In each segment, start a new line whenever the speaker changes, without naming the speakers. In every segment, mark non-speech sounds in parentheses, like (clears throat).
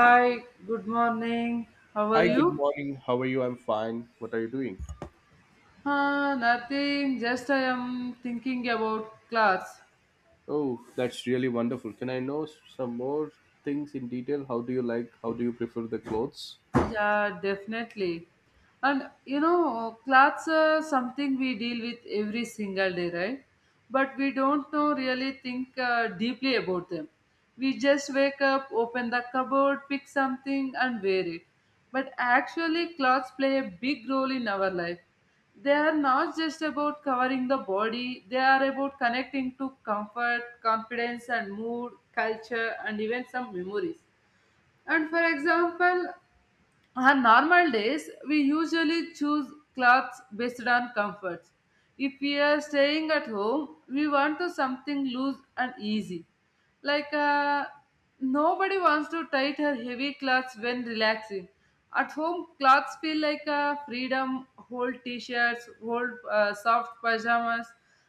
Hi, good morning. How are
Hi, good
you?
morning. How are you? I'm fine. What are you doing?
Nothing, just I am thinking about class.
Oh, that's really wonderful. Can I know some more things in detail? How do you like? How do you prefer the clothes?
Yeah, definitely. And clothes are something we deal with every single day, right? But we don't know really think deeply about them. We just wake up, open the cupboard, pick something, and wear it. But actually, clothes play a big role in our life. They are not just about covering the body, they are about connecting to comfort, confidence, and mood, culture, and even some memories. And for example, on normal days, we usually choose clothes based on comfort. If we are staying at home, we want to something loose and easy. Like uh, Nobody wants to tight her heavy clothes when relaxing. At home, clothes feel like a freedom, whole t-shirts, whole soft pajamas,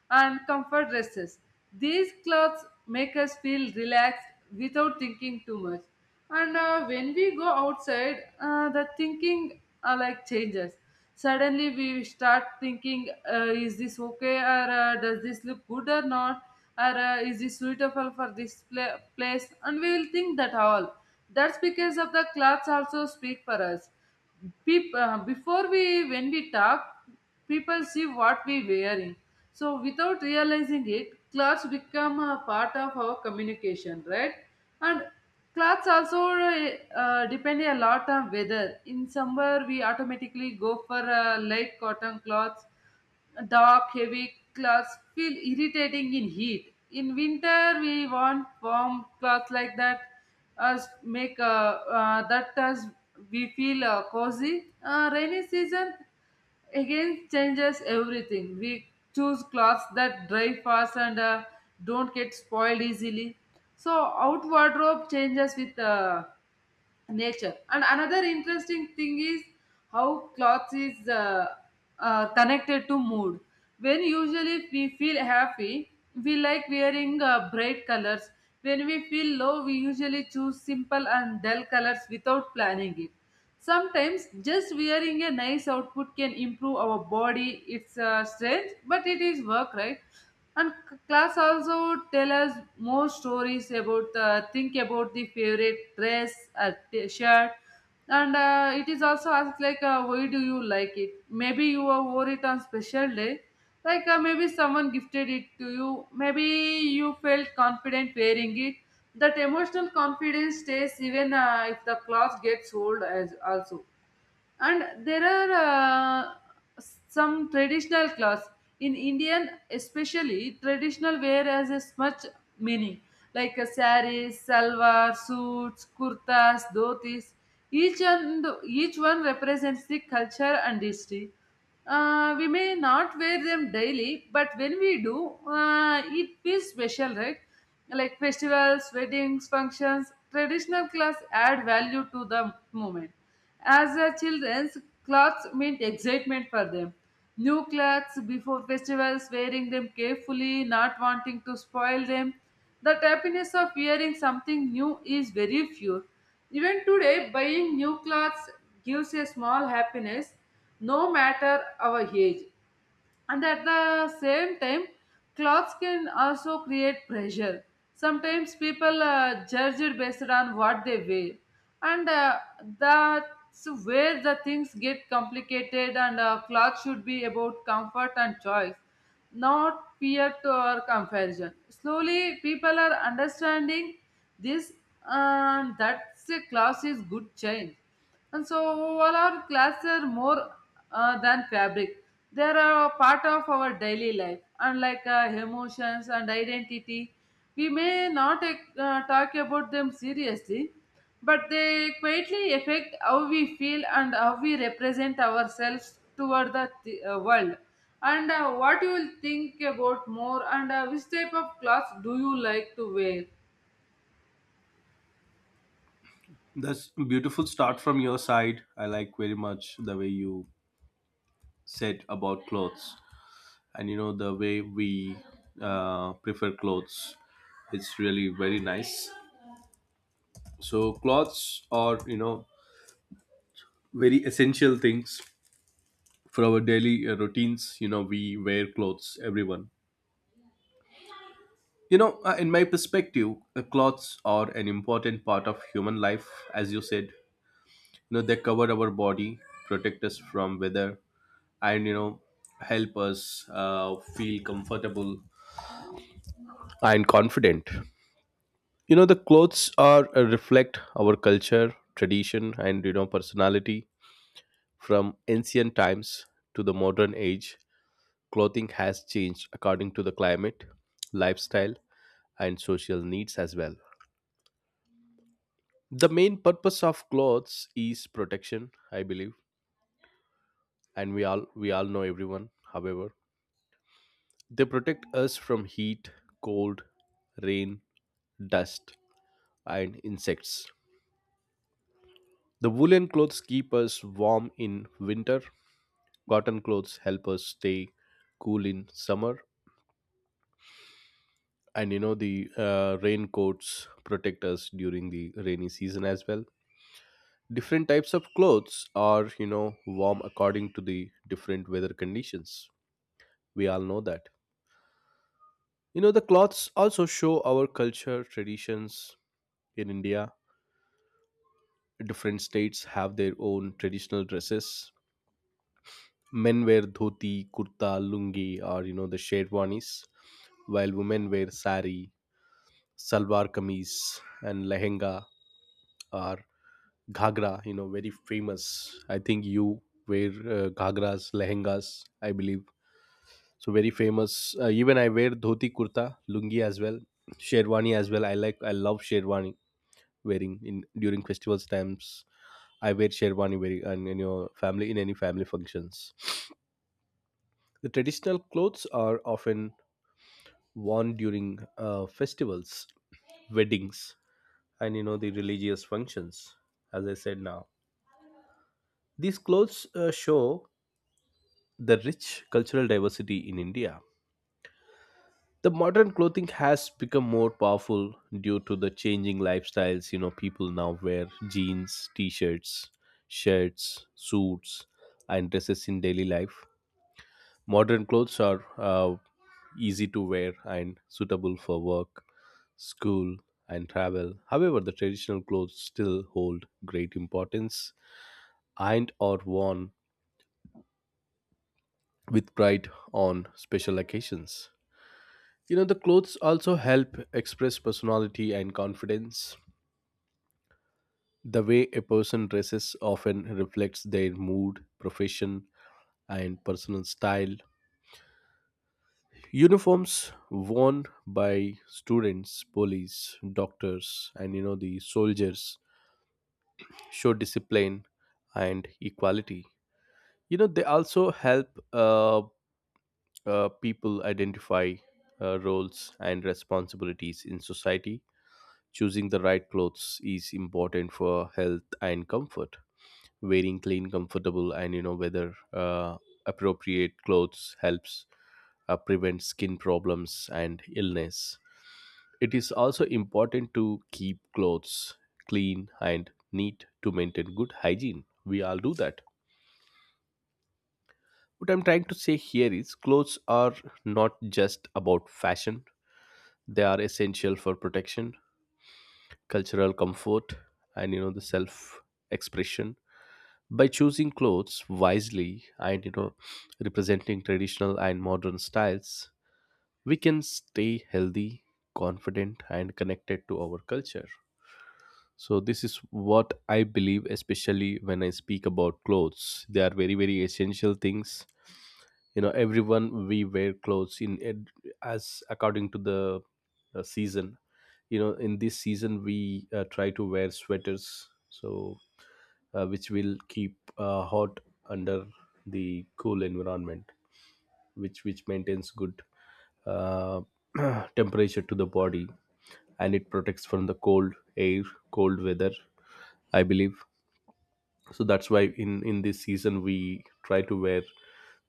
and comfort dresses. These clothes make us feel relaxed without thinking too much. And when we go outside, the thinking, like, changes. Suddenly we start thinking, is this okay, or does this look good or not, or is this suitable for this place? And we will think that all. That's because of the clothes also speak for us. People before we, when we talk, people see what we wearing. So without realizing it, clothes become a part of our communication, right? And clothes also depend a lot on weather. In summer, we automatically go for light cotton clothes. Dark heavy clothes feel irritating in heat. In winter, we want warm clothes like that. Us make that us we feel cozy. Rainy season again changes everything. We choose clothes that dry fast and don't get spoiled easily. So out wardrobe changes with nature. And another interesting thing is how clothes is connected to mood. When usually we feel happy, we like wearing bright colors. When we feel low, we usually choose simple and dull colors without planning it. Sometimes just wearing a nice outfit can improve our body. It's strange, but it is work, right? And class also tell us more stories about the think about the favorite dress or t- shirt. And it is also asked like, why do you like it? Maybe you wore it on special day. Maybe someone gifted it to you. Maybe you felt confident wearing it. That emotional confidence stays even if the cloth gets old as also. And there are some traditional cloths in Indian, especially traditional wear has a much meaning. Like a saris, salwar suits, kurtas, dhotis. Each and each one represents the culture and history. We may not wear them daily, but when we do, it feels special, right? Like festivals, weddings, functions, traditional clothes add value to the moment. As a children's clothes meant excitement for them. New clothes before festivals, wearing them carefully, not wanting to spoil them. That happiness of wearing something new is very few. Even today, buying new clothes gives a small happiness, no matter our age. And at the same time, clothes can also create pressure. Sometimes people judge it based on what they wear. And that's where the things get complicated, and clothes should be about comfort and choice, not peer-to-peer comparison. Slowly, people are understanding this, and that's a class is good change. And so, all our classes are more than fabric. They are a part of our daily life, unlike emotions and identity. We may not talk about them seriously, but they quietly affect how we feel and how we represent ourselves toward the world. And what you will think about more, and which type of clothes do you like to wear?
That's a beautiful start from your side. I like very much the way you said about clothes, and you know the way we prefer clothes. It's really very nice. So clothes are, you know, very essential things for our daily routines. You know, we wear clothes. Everyone. You know, in my perspective, the clothes are an important part of human life, as you said. You know, they cover our body, protect us from weather, and, you know, help us feel comfortable and confident. You know, the clothes are reflect our culture, tradition, and, you know, personality. From ancient times to the modern age, clothing has changed according to the climate, lifestyle, and social needs as well. The main purpose of clothes is protection, I believe, and we all know, everyone. However, they protect us from heat, cold, rain, dust, and insects. The woolen clothes keep us warm in winter, cotton clothes help us stay cool in summer, and you know the raincoats protect us during the rainy season as well. Different types of clothes are, you know, warm according to the different weather conditions. We all know that. You know, the cloths also show our culture, traditions. In India, different states have their own traditional dresses. Men wear dhoti, kurta, lungi, or you know, the sherwanis, while women wear sari, salwar kameez, and lehenga or ghagra. You know, very famous. I think you wear ghagras, lehengas, I believe. So very famous. Even I wear dhoti, kurta, lungi as well, sherwani as well. I like, I love sherwani wearing in during festivals times. I wear sherwani wearing and in your family in any family functions. The traditional clothes are often worn during festivals, weddings, and you know the religious functions. As I said now, these clothes show the rich cultural diversity in India. The modern clothing has become more powerful due to the changing lifestyles. You know, people now wear jeans, t-shirts, shirts, suits, and dresses in daily life. Modern clothes are easy to wear and suitable for work, school, and travel. However, the traditional clothes still hold great importance and are worn with pride on special occasions. You know, the clothes also help express personality and confidence. The way a person dresses often reflects their mood, profession, and personal style. Uniforms worn by students, police, doctors, and you know, the soldiers show discipline and equality. You know, they also help people identify roles and responsibilities in society. Choosing the right clothes is important for health and comfort. Wearing clean, comfortable, and you know weather appropriate clothes helps prevent skin problems and illness. It is also important to keep clothes clean and neat to maintain good hygiene. We all do that. What I'm trying to say here is clothes are not just about fashion. They are essential for protection, cultural comfort, and you know the self expression. By choosing clothes wisely and, you know, representing traditional and modern styles, we can stay healthy, confident, and connected to our culture. So this is what I believe, especially when I speak about clothes. They are very, very essential things. You know, everyone, we wear clothes as according to the season. You know, in this season we try to wear sweaters, so which will keep hot under the cool environment, which maintains good uh, (clears throat) temperature to the body, and it protects from the cold air, cold weather, I believe. So that's why in this season we try to wear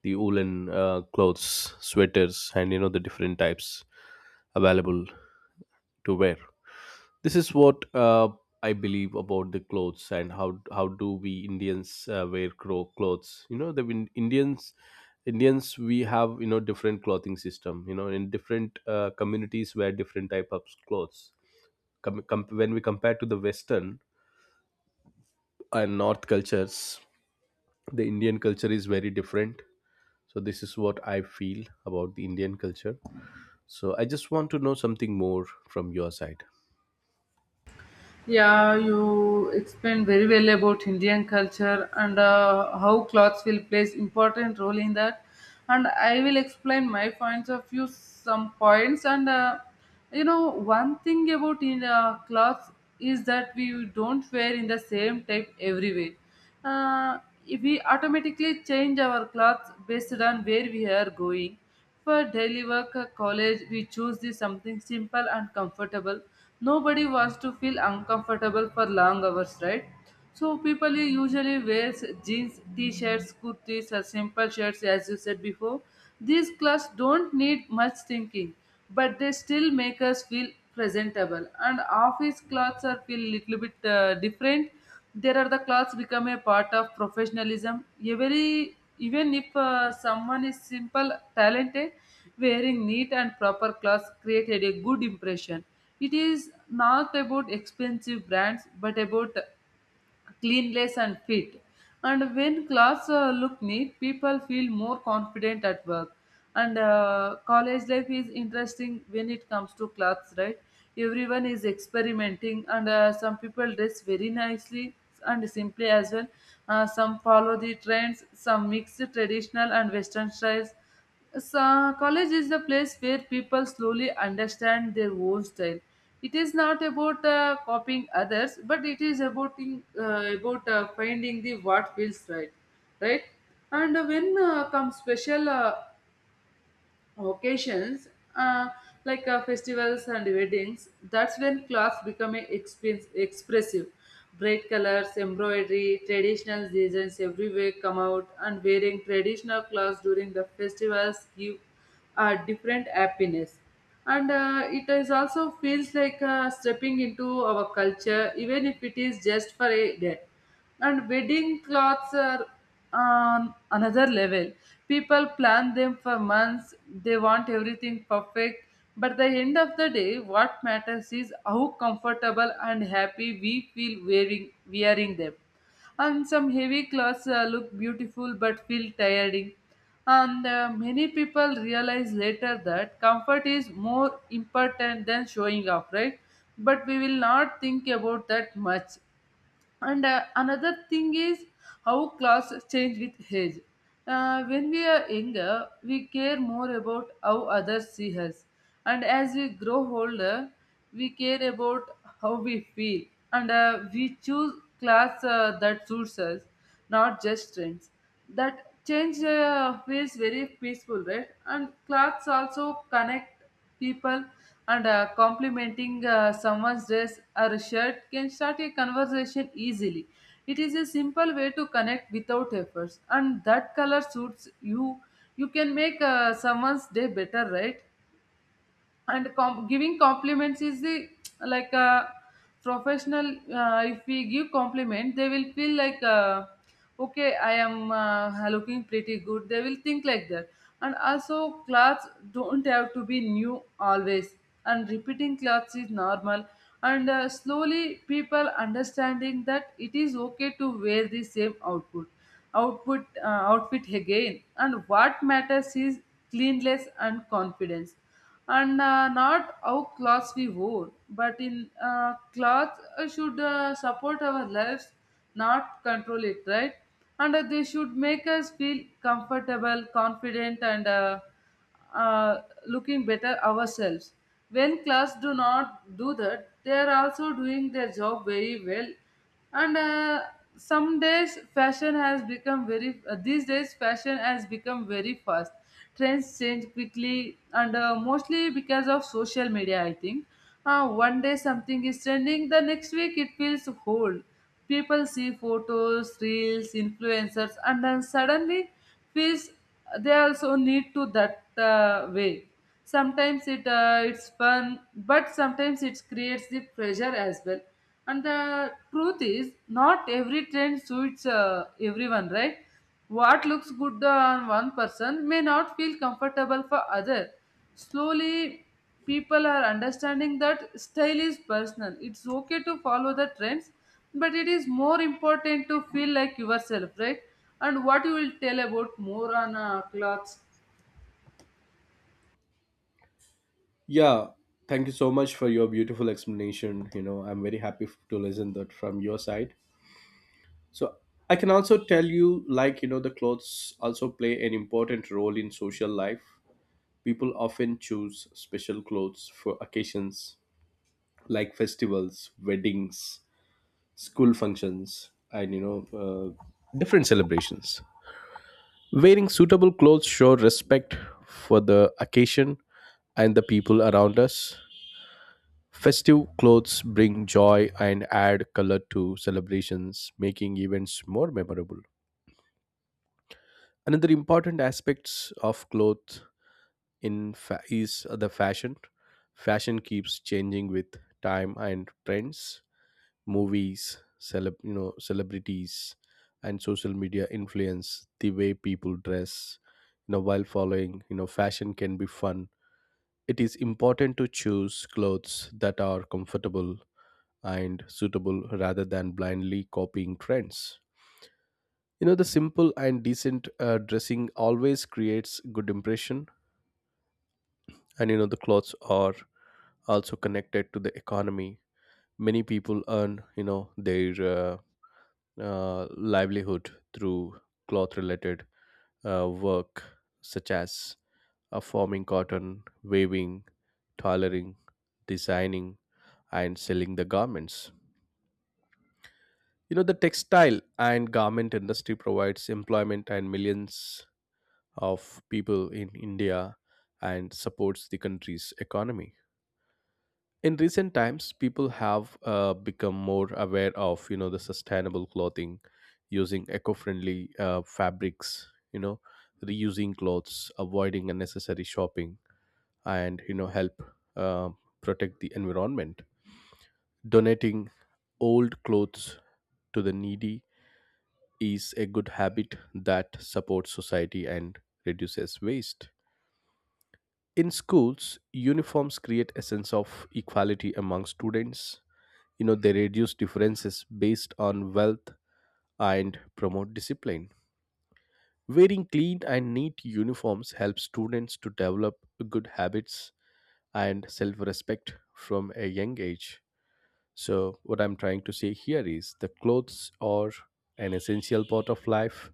the woolen clothes, sweaters, and you know the different types available to wear. This is what I believe about the clothes and how do we Indians wear clothes. You know, the Indians, we have, you know, different clothing system. You know, in different communities wear different type of clothes. When we compare to the Western and North cultures, the Indian culture is very different. So this is what I feel about the Indian culture. So I just want to know something more from your side.
Yeah, you explained very well about Indian culture and how clothes will plays important role in that. And I will explain my points of view, some points. And one thing about in clothes is that we don't wear in the same type everywhere. Uh, if we automatically change our clothes based on where we are going. For daily work or college, we choose the something simple and comfortable. Nobody wants to feel uncomfortable for long hours, right? So people usually wear jeans, t-shirts, kurtis or simple shirts as you said before. These clothes don't need much thinking, but they still make us feel presentable. And office clothes are feel little bit different. There are the clothes become a part of professionalism. Every even if someone is simple, talented, wearing neat and proper clothes created a good impression. It is not about expensive brands, but about cleanless and fit. And when clothes look neat, people feel more confident at work. And college life is interesting when it comes to clothes, right? Everyone is experimenting, and some people dress very nicely and simply as well. Some follow the trends, some mix traditional and Western styles. So, college is the place where people slowly understand their own style. It is not about copying others, but it is about finding the what feels right, right. And when come special occasions, uh, like festivals and weddings, that's when clothes become expense, expressive. Bright colors, embroidery, traditional designs everywhere come out. And wearing traditional clothes during the festivals give a different happiness. And it is also feels like stepping into our culture, even if it is just for a day. And wedding cloths are on another level. People plan them for months, they want everything perfect. But the end of the day, what matters is how comfortable and happy we feel wearing them. And some heavy clothes look beautiful but feel tiring. And many people realize later that comfort is more important than showing off, right? But we will not think about that much. And another thing is how class change with age. When we are younger, we care more about how others see us. And as we grow older, we care about how we feel. And we choose class that suits us, not just trends. That change feels very peaceful, right? And class also connect people. And complimenting someone's dress or shirt can start a conversation easily. It is a simple way to connect without efforts, and that color suits you. You can make someone's day better, right? And giving compliments is the like a professional. If we give compliment, they will feel like, okay, I am looking pretty good, they will think like that. And also, clothes don't have to be new always. And repeating clothes is normal. And slowly people understanding that it is okay to wear the same output output outfit again. And what matters is cleanliness and confidence. And not how clothes we wore, but in clothes should support our lives, not control it, right? And they should make us feel comfortable, confident, and looking better ourselves. When clothes do not do that, they are also doing their job very well. And some days fashion has become very these days fashion has become very fast. Trends change quickly, and mostly because of social media, I think. One day something is trending, the next week it feels old. People see photos, reels, influencers, and then suddenly feels they also need to that way. Sometimes it's fun, but sometimes it creates the pressure as well. And the truth is not every trend suits everyone, right? What looks good on one person may not feel comfortable for other. Slowly, people are understanding that style is personal. It's okay to follow the trends, but it is more important to feel like yourself, right? And what you will tell about more on clothes?
Yeah, thank you so much for your beautiful explanation. You know, I'm very happy to listen that from your side. So I can also tell you, like you know, the clothes also play an important role in social life. People often choose special clothes for occasions like festivals, weddings, school functions, and you know, different celebrations. Wearing suitable clothes show respect for the occasion and the people around us. Festive clothes bring joy and add color to celebrations, making events more memorable. Another important aspects of clothes is the fashion. Fashion keeps changing with time and trends. Movies, you know, celebrities, and social media influence the way people dress. You know, while following, you know, fashion can be fun. It is important to choose clothes that are comfortable and suitable rather than blindly copying trends. You know, the simple and decent dressing always creates good impression, and you know the clothes are also connected to the economy. Many people earn, you know, their livelihood through cloth-related work, such as forming cotton, weaving, tailoring, designing, and selling the garments. You know, the textile and garment industry provides employment and millions of people in India and supports the country's economy. In recent times, people have become more aware of, you know, the sustainable clothing, using eco-friendly fabrics, you know, reusing clothes, avoiding unnecessary shopping, and, you know, help uh, protect the environment. Donating old clothes to the needy is a good habit that supports society and reduces waste. In schools, uniforms create a sense of equality among students. You know, they reduce differences based on wealth and promote discipline. Wearing clean and neat uniforms helps students to develop good habits and self respect from a young age. So, what I'm trying to say here is the clothes are an essential part of life.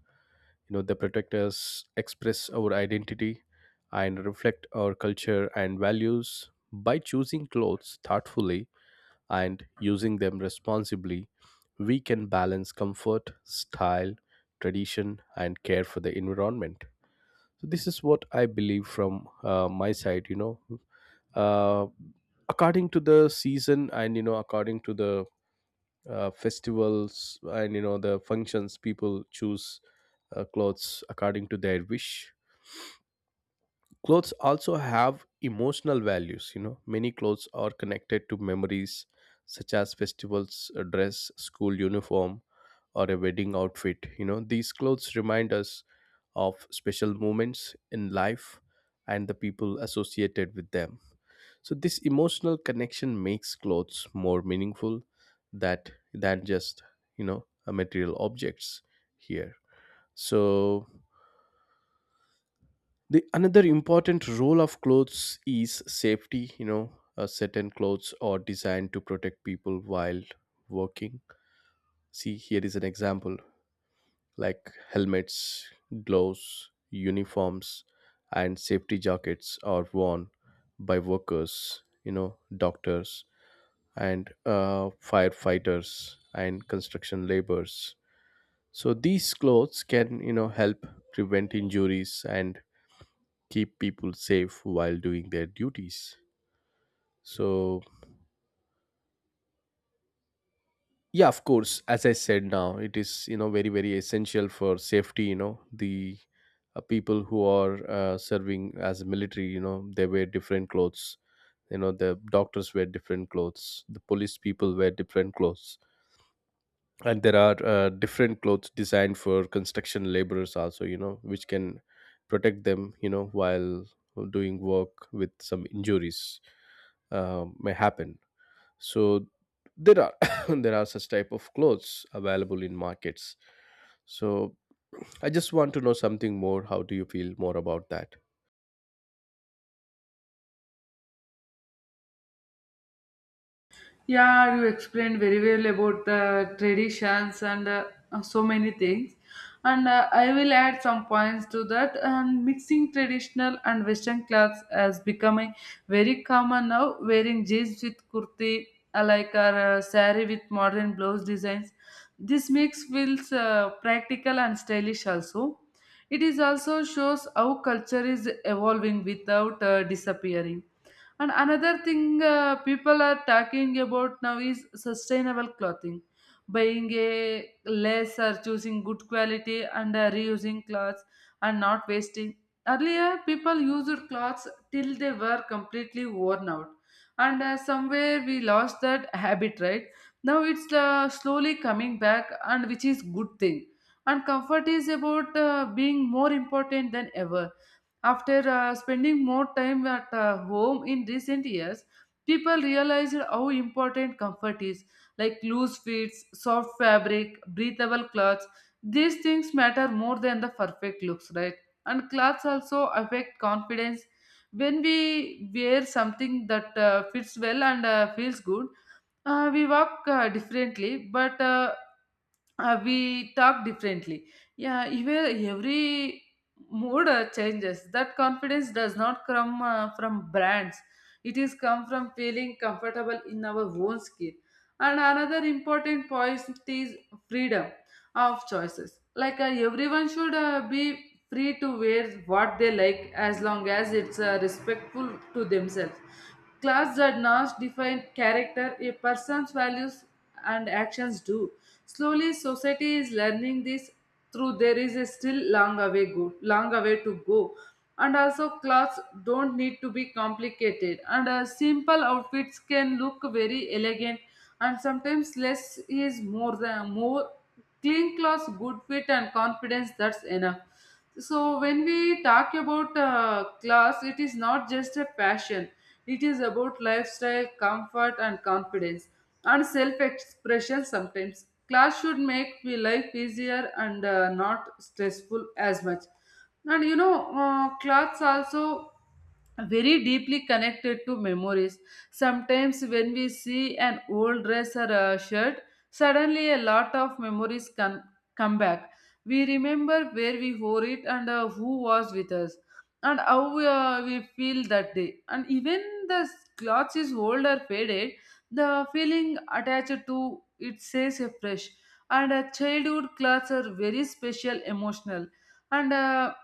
You know, they protect us, express our identity, and reflect our culture and values. By choosing clothes thoughtfully and using them responsibly, we can balance comfort, style, tradition, and care for the environment. So this is what I believe from my side. You know, uh, according to the season and you know according to the festivals and you know the functions, people choose clothes according to their wish. Clothes also have emotional values. You know, many clothes are connected to memories, such as festivals, a dress, school uniform, or a wedding outfit. You know, these clothes remind us of special moments in life and the people associated with them. So this emotional connection makes clothes more meaningful that than just, you know, a material objects here. So the another important role of clothes is safety. You know, certain clothes are designed to protect people while working. See, here is an example like helmets, gloves, uniforms, and safety jackets are worn by workers. You know, doctors, and firefighters and construction laborers. So these clothes can, you know, help prevent injuries and keep people safe while doing their duties. So yeah, of course, as I said now, it is, you know, very very essential for safety. You know the people who are serving as military, you know they wear different clothes. You know the doctors wear different clothes. The police people wear different clothes and there are different clothes designed for construction laborers also. You know, which can protect them, you know, while doing work with some injuries may happen. So there are (coughs) there are such type of clothes available in markets. So I just want to know something more. How do you feel more about that?
Yeah, you explained very well about the traditions and so many things. And I will add some points to that. And mixing traditional and Western clothes has become a very common now. Wearing jeans with kurti, like our sari with modern blouse designs. This mix feels practical and stylish also. It is also shows how culture is evolving without disappearing. And another thing, people are talking about now is sustainable clothing. Buying a less or choosing good quality, and reusing clothes, and not wasting. Earlier, people used clothes till they were completely worn out. And somewhere we lost that habit, right? Now it's slowly coming back, and which is good thing. And comfort is about being more important than ever after spending more time at home in recent years. People realized how important comfort is, like loose fits, soft fabric, breathable clothes. These things matter more than the perfect looks, right? And clothes also affect confidence. When we wear something that fits well and feels good, we walk differently, but we talk differently. Yeah, even every mood changes. That confidence does not come from brands, it is come from feeling comfortable in our own skin. And another important point is freedom of choices. Everyone should be free to wear what they like as long as it's respectful to themselves. Class does not define character, a person's values and actions do. Slowly, society is learning this, through there is a still long away to go. And also, clothes don't need to be complicated, and simple outfits can look very elegant. And sometimes less is more than more. Clean clothes, good fit, and confidence. That's enough. So when we talk about class, it is not just a passion, it is about lifestyle, comfort, and confidence, and self expression. Sometimes class should make we life easier and not stressful as much. And class also very deeply connected to memories. Sometimes, when we see an old dress or a shirt, suddenly a lot of memories can come back. We remember where we wore it and who was with us, and how we feel that day. And even the clothes is old or faded, the feeling attached to it stays fresh. And childhood clothes are very special, emotional, and.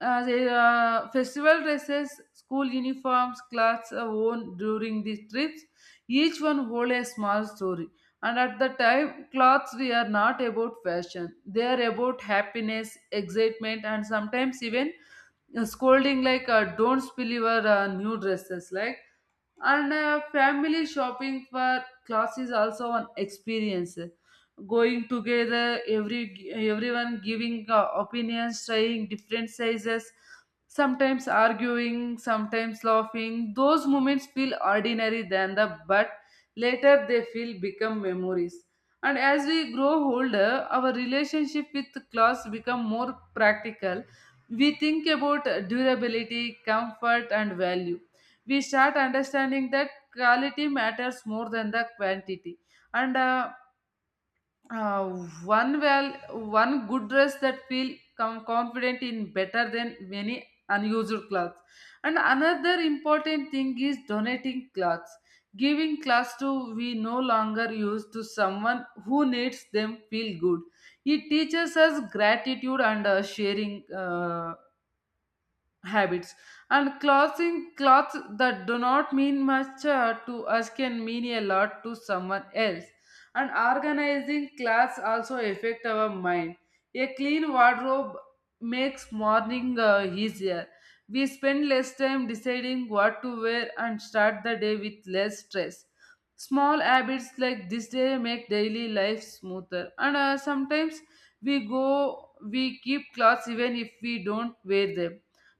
The festival dresses, school uniforms, clothes are worn during these trips. Each one hold a small story. And at the time, clothes we are not about fashion. They are about happiness, excitement, and sometimes even scolding, like don't spill your new dresses like. And family shopping for class is also an experience, going together, everyone giving opinions, trying different sizes, sometimes arguing, sometimes laughing. Those moments feel ordinary than the, but later they feel become memories. And as we grow older, our relationship with class become more practical. We think about durability, comfort, and value. We start understanding that quality matters more than the quantity. And uh, one well, one good dress that feel confident in better than many unused clothes. And another important thing is donating clothes, giving clothes to we no longer use to someone who needs them feel good. It teaches us gratitude and sharing. Habits and clothing clothes that do not mean much to us can mean a lot to someone else. And organizing clothes also affect our mind. A clean wardrobe makes morning easier. We spend less time deciding what to wear and start the day with less stress. Small habits like this day make daily life smoother. And sometimes we keep clothes even if we don't wear them,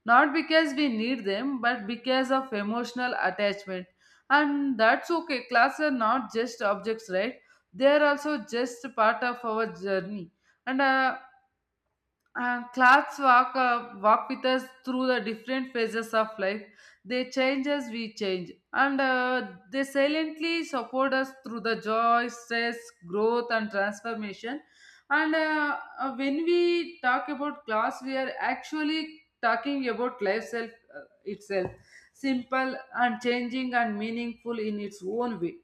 not because we need them but because of emotional attachment. And that's okay, clothes are not just objects, right? They are also just part of our journey. And clothes walk with us through the different phases of life. They change as we change, and they silently support us through the joy, stress, growth, and transformation. And when we talk about class, we are actually talking about life itself. Simple and changing and meaningful in its own way.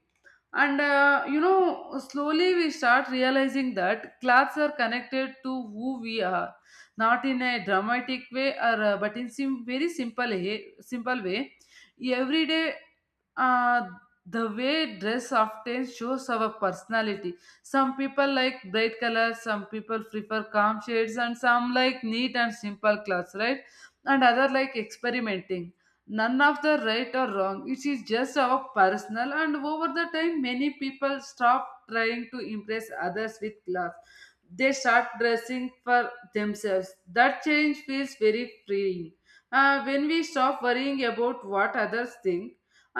And slowly we start realizing that clothes are connected to who we are, not in a dramatic way or but in very simple way, every day. uh, the way dress often shows our personality. Some people like bright colors, some people prefer calm shades, and some like neat and simple clothes, right? And other like experimenting. None of the right or wrong, it is just our personal. And over the time, many people stop trying to impress others with class. They start dressing for themselves. That change feels very freeing. When we stop worrying about what others think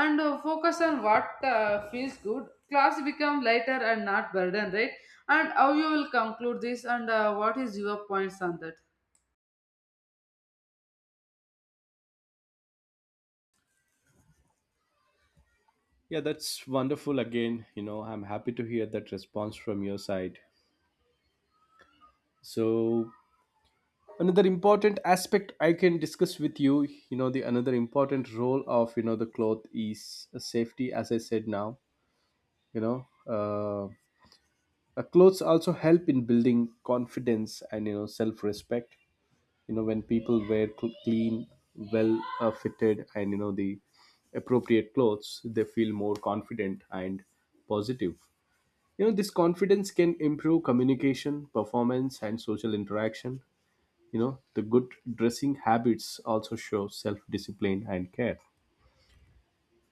and focus on what feels good, class become lighter and not burden, right? And how you will conclude this, and what is your points on that?
Yeah, that's wonderful. Again, you know, I'm happy to hear that response from your side. So, another important aspect I can discuss with you, you know, the another important role of you know the cloth is a safety, as I said now. You know, uh, clothes also help in building confidence and you know self respect. You know, when people wear clean, well fitted, and you know the appropriate clothes, they feel more confident and positive. You know, this confidence can improve communication, performance, and social interaction. You know, the good dressing habits also show self-discipline and care.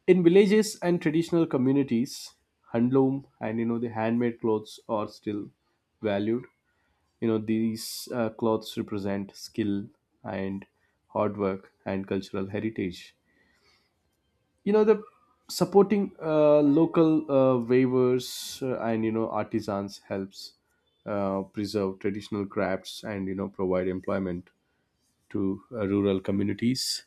In villages and traditional communities, handloom and you know the handmade clothes are still valued. You know, these clothes represent skill and hard work and cultural heritage. You know, the supporting local weavers and you know artisans helps preserve traditional crafts and you know provide employment to rural communities.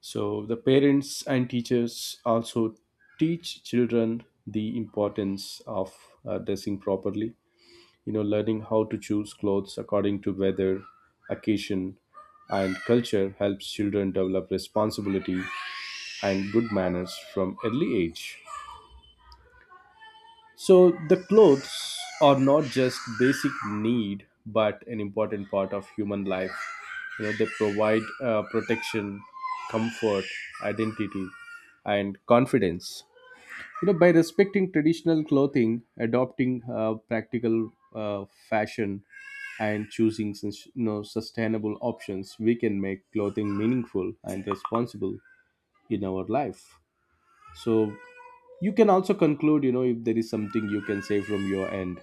So the parents and teachers also teach children the importance of dressing properly. You know, learning how to choose clothes according to weather, occasion, and culture helps children develop responsibility and good manners from early age. So the clothes are not just basic need, but an important part of human life. You know, they provide protection, comfort, identity, and confidence. You know, by respecting traditional clothing, adopting practical fashion, and choosing you know sustainable options, we can make clothing meaningful and responsible in our life. So you can also conclude, you know, if there is something you can say from your end.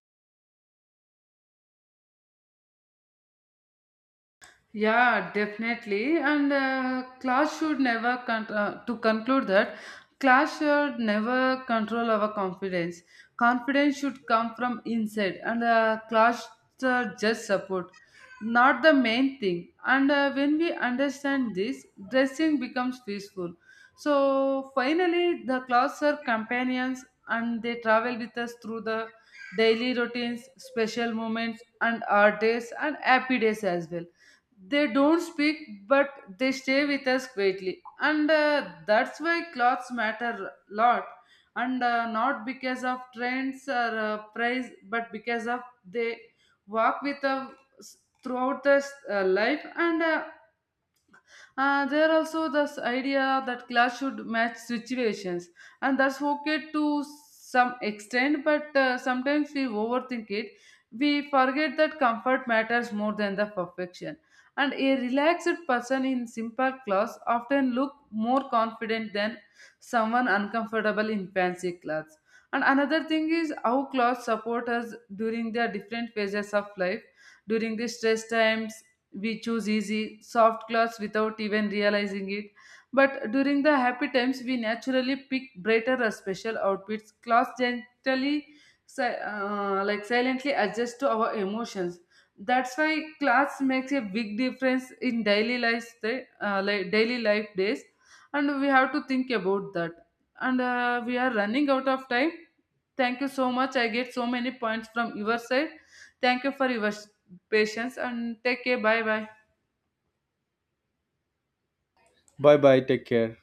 Yeah, definitely. And class should never con- to conclude that, class should never control our confidence. Confidence should come from inside, and class just support, not the main thing. And when we understand this, dressing becomes peaceful. So finally, the class are companions, and they travel with us through the daily routines, special moments, and our days and happy days as well. They don't speak, but they stay with us quietly. And that's why clothes matter a lot, and not because of trends or price, but because of they walk with us throughout the life. And there also this idea that class should match situations, and that's okay to some extent. But sometimes we overthink it. We forget that comfort matters more than the perfection. And a relaxed person in simple clothes often look more confident than someone uncomfortable in fancy clothes. And another thing is how clothes support us during the different phases of life. During the stress times, we choose easy, soft clothes without even realizing it. But during the happy times, we naturally pick brighter or special outfits. Clothes gently, like silently adjust to our emotions. That's why clothes makes a big difference in daily life, like daily life days, and we have to think about that. And we are running out of time. Thank you so much. I get so many points from your side. Thank you for your patience and take care. Bye bye.
Bye bye. Take care.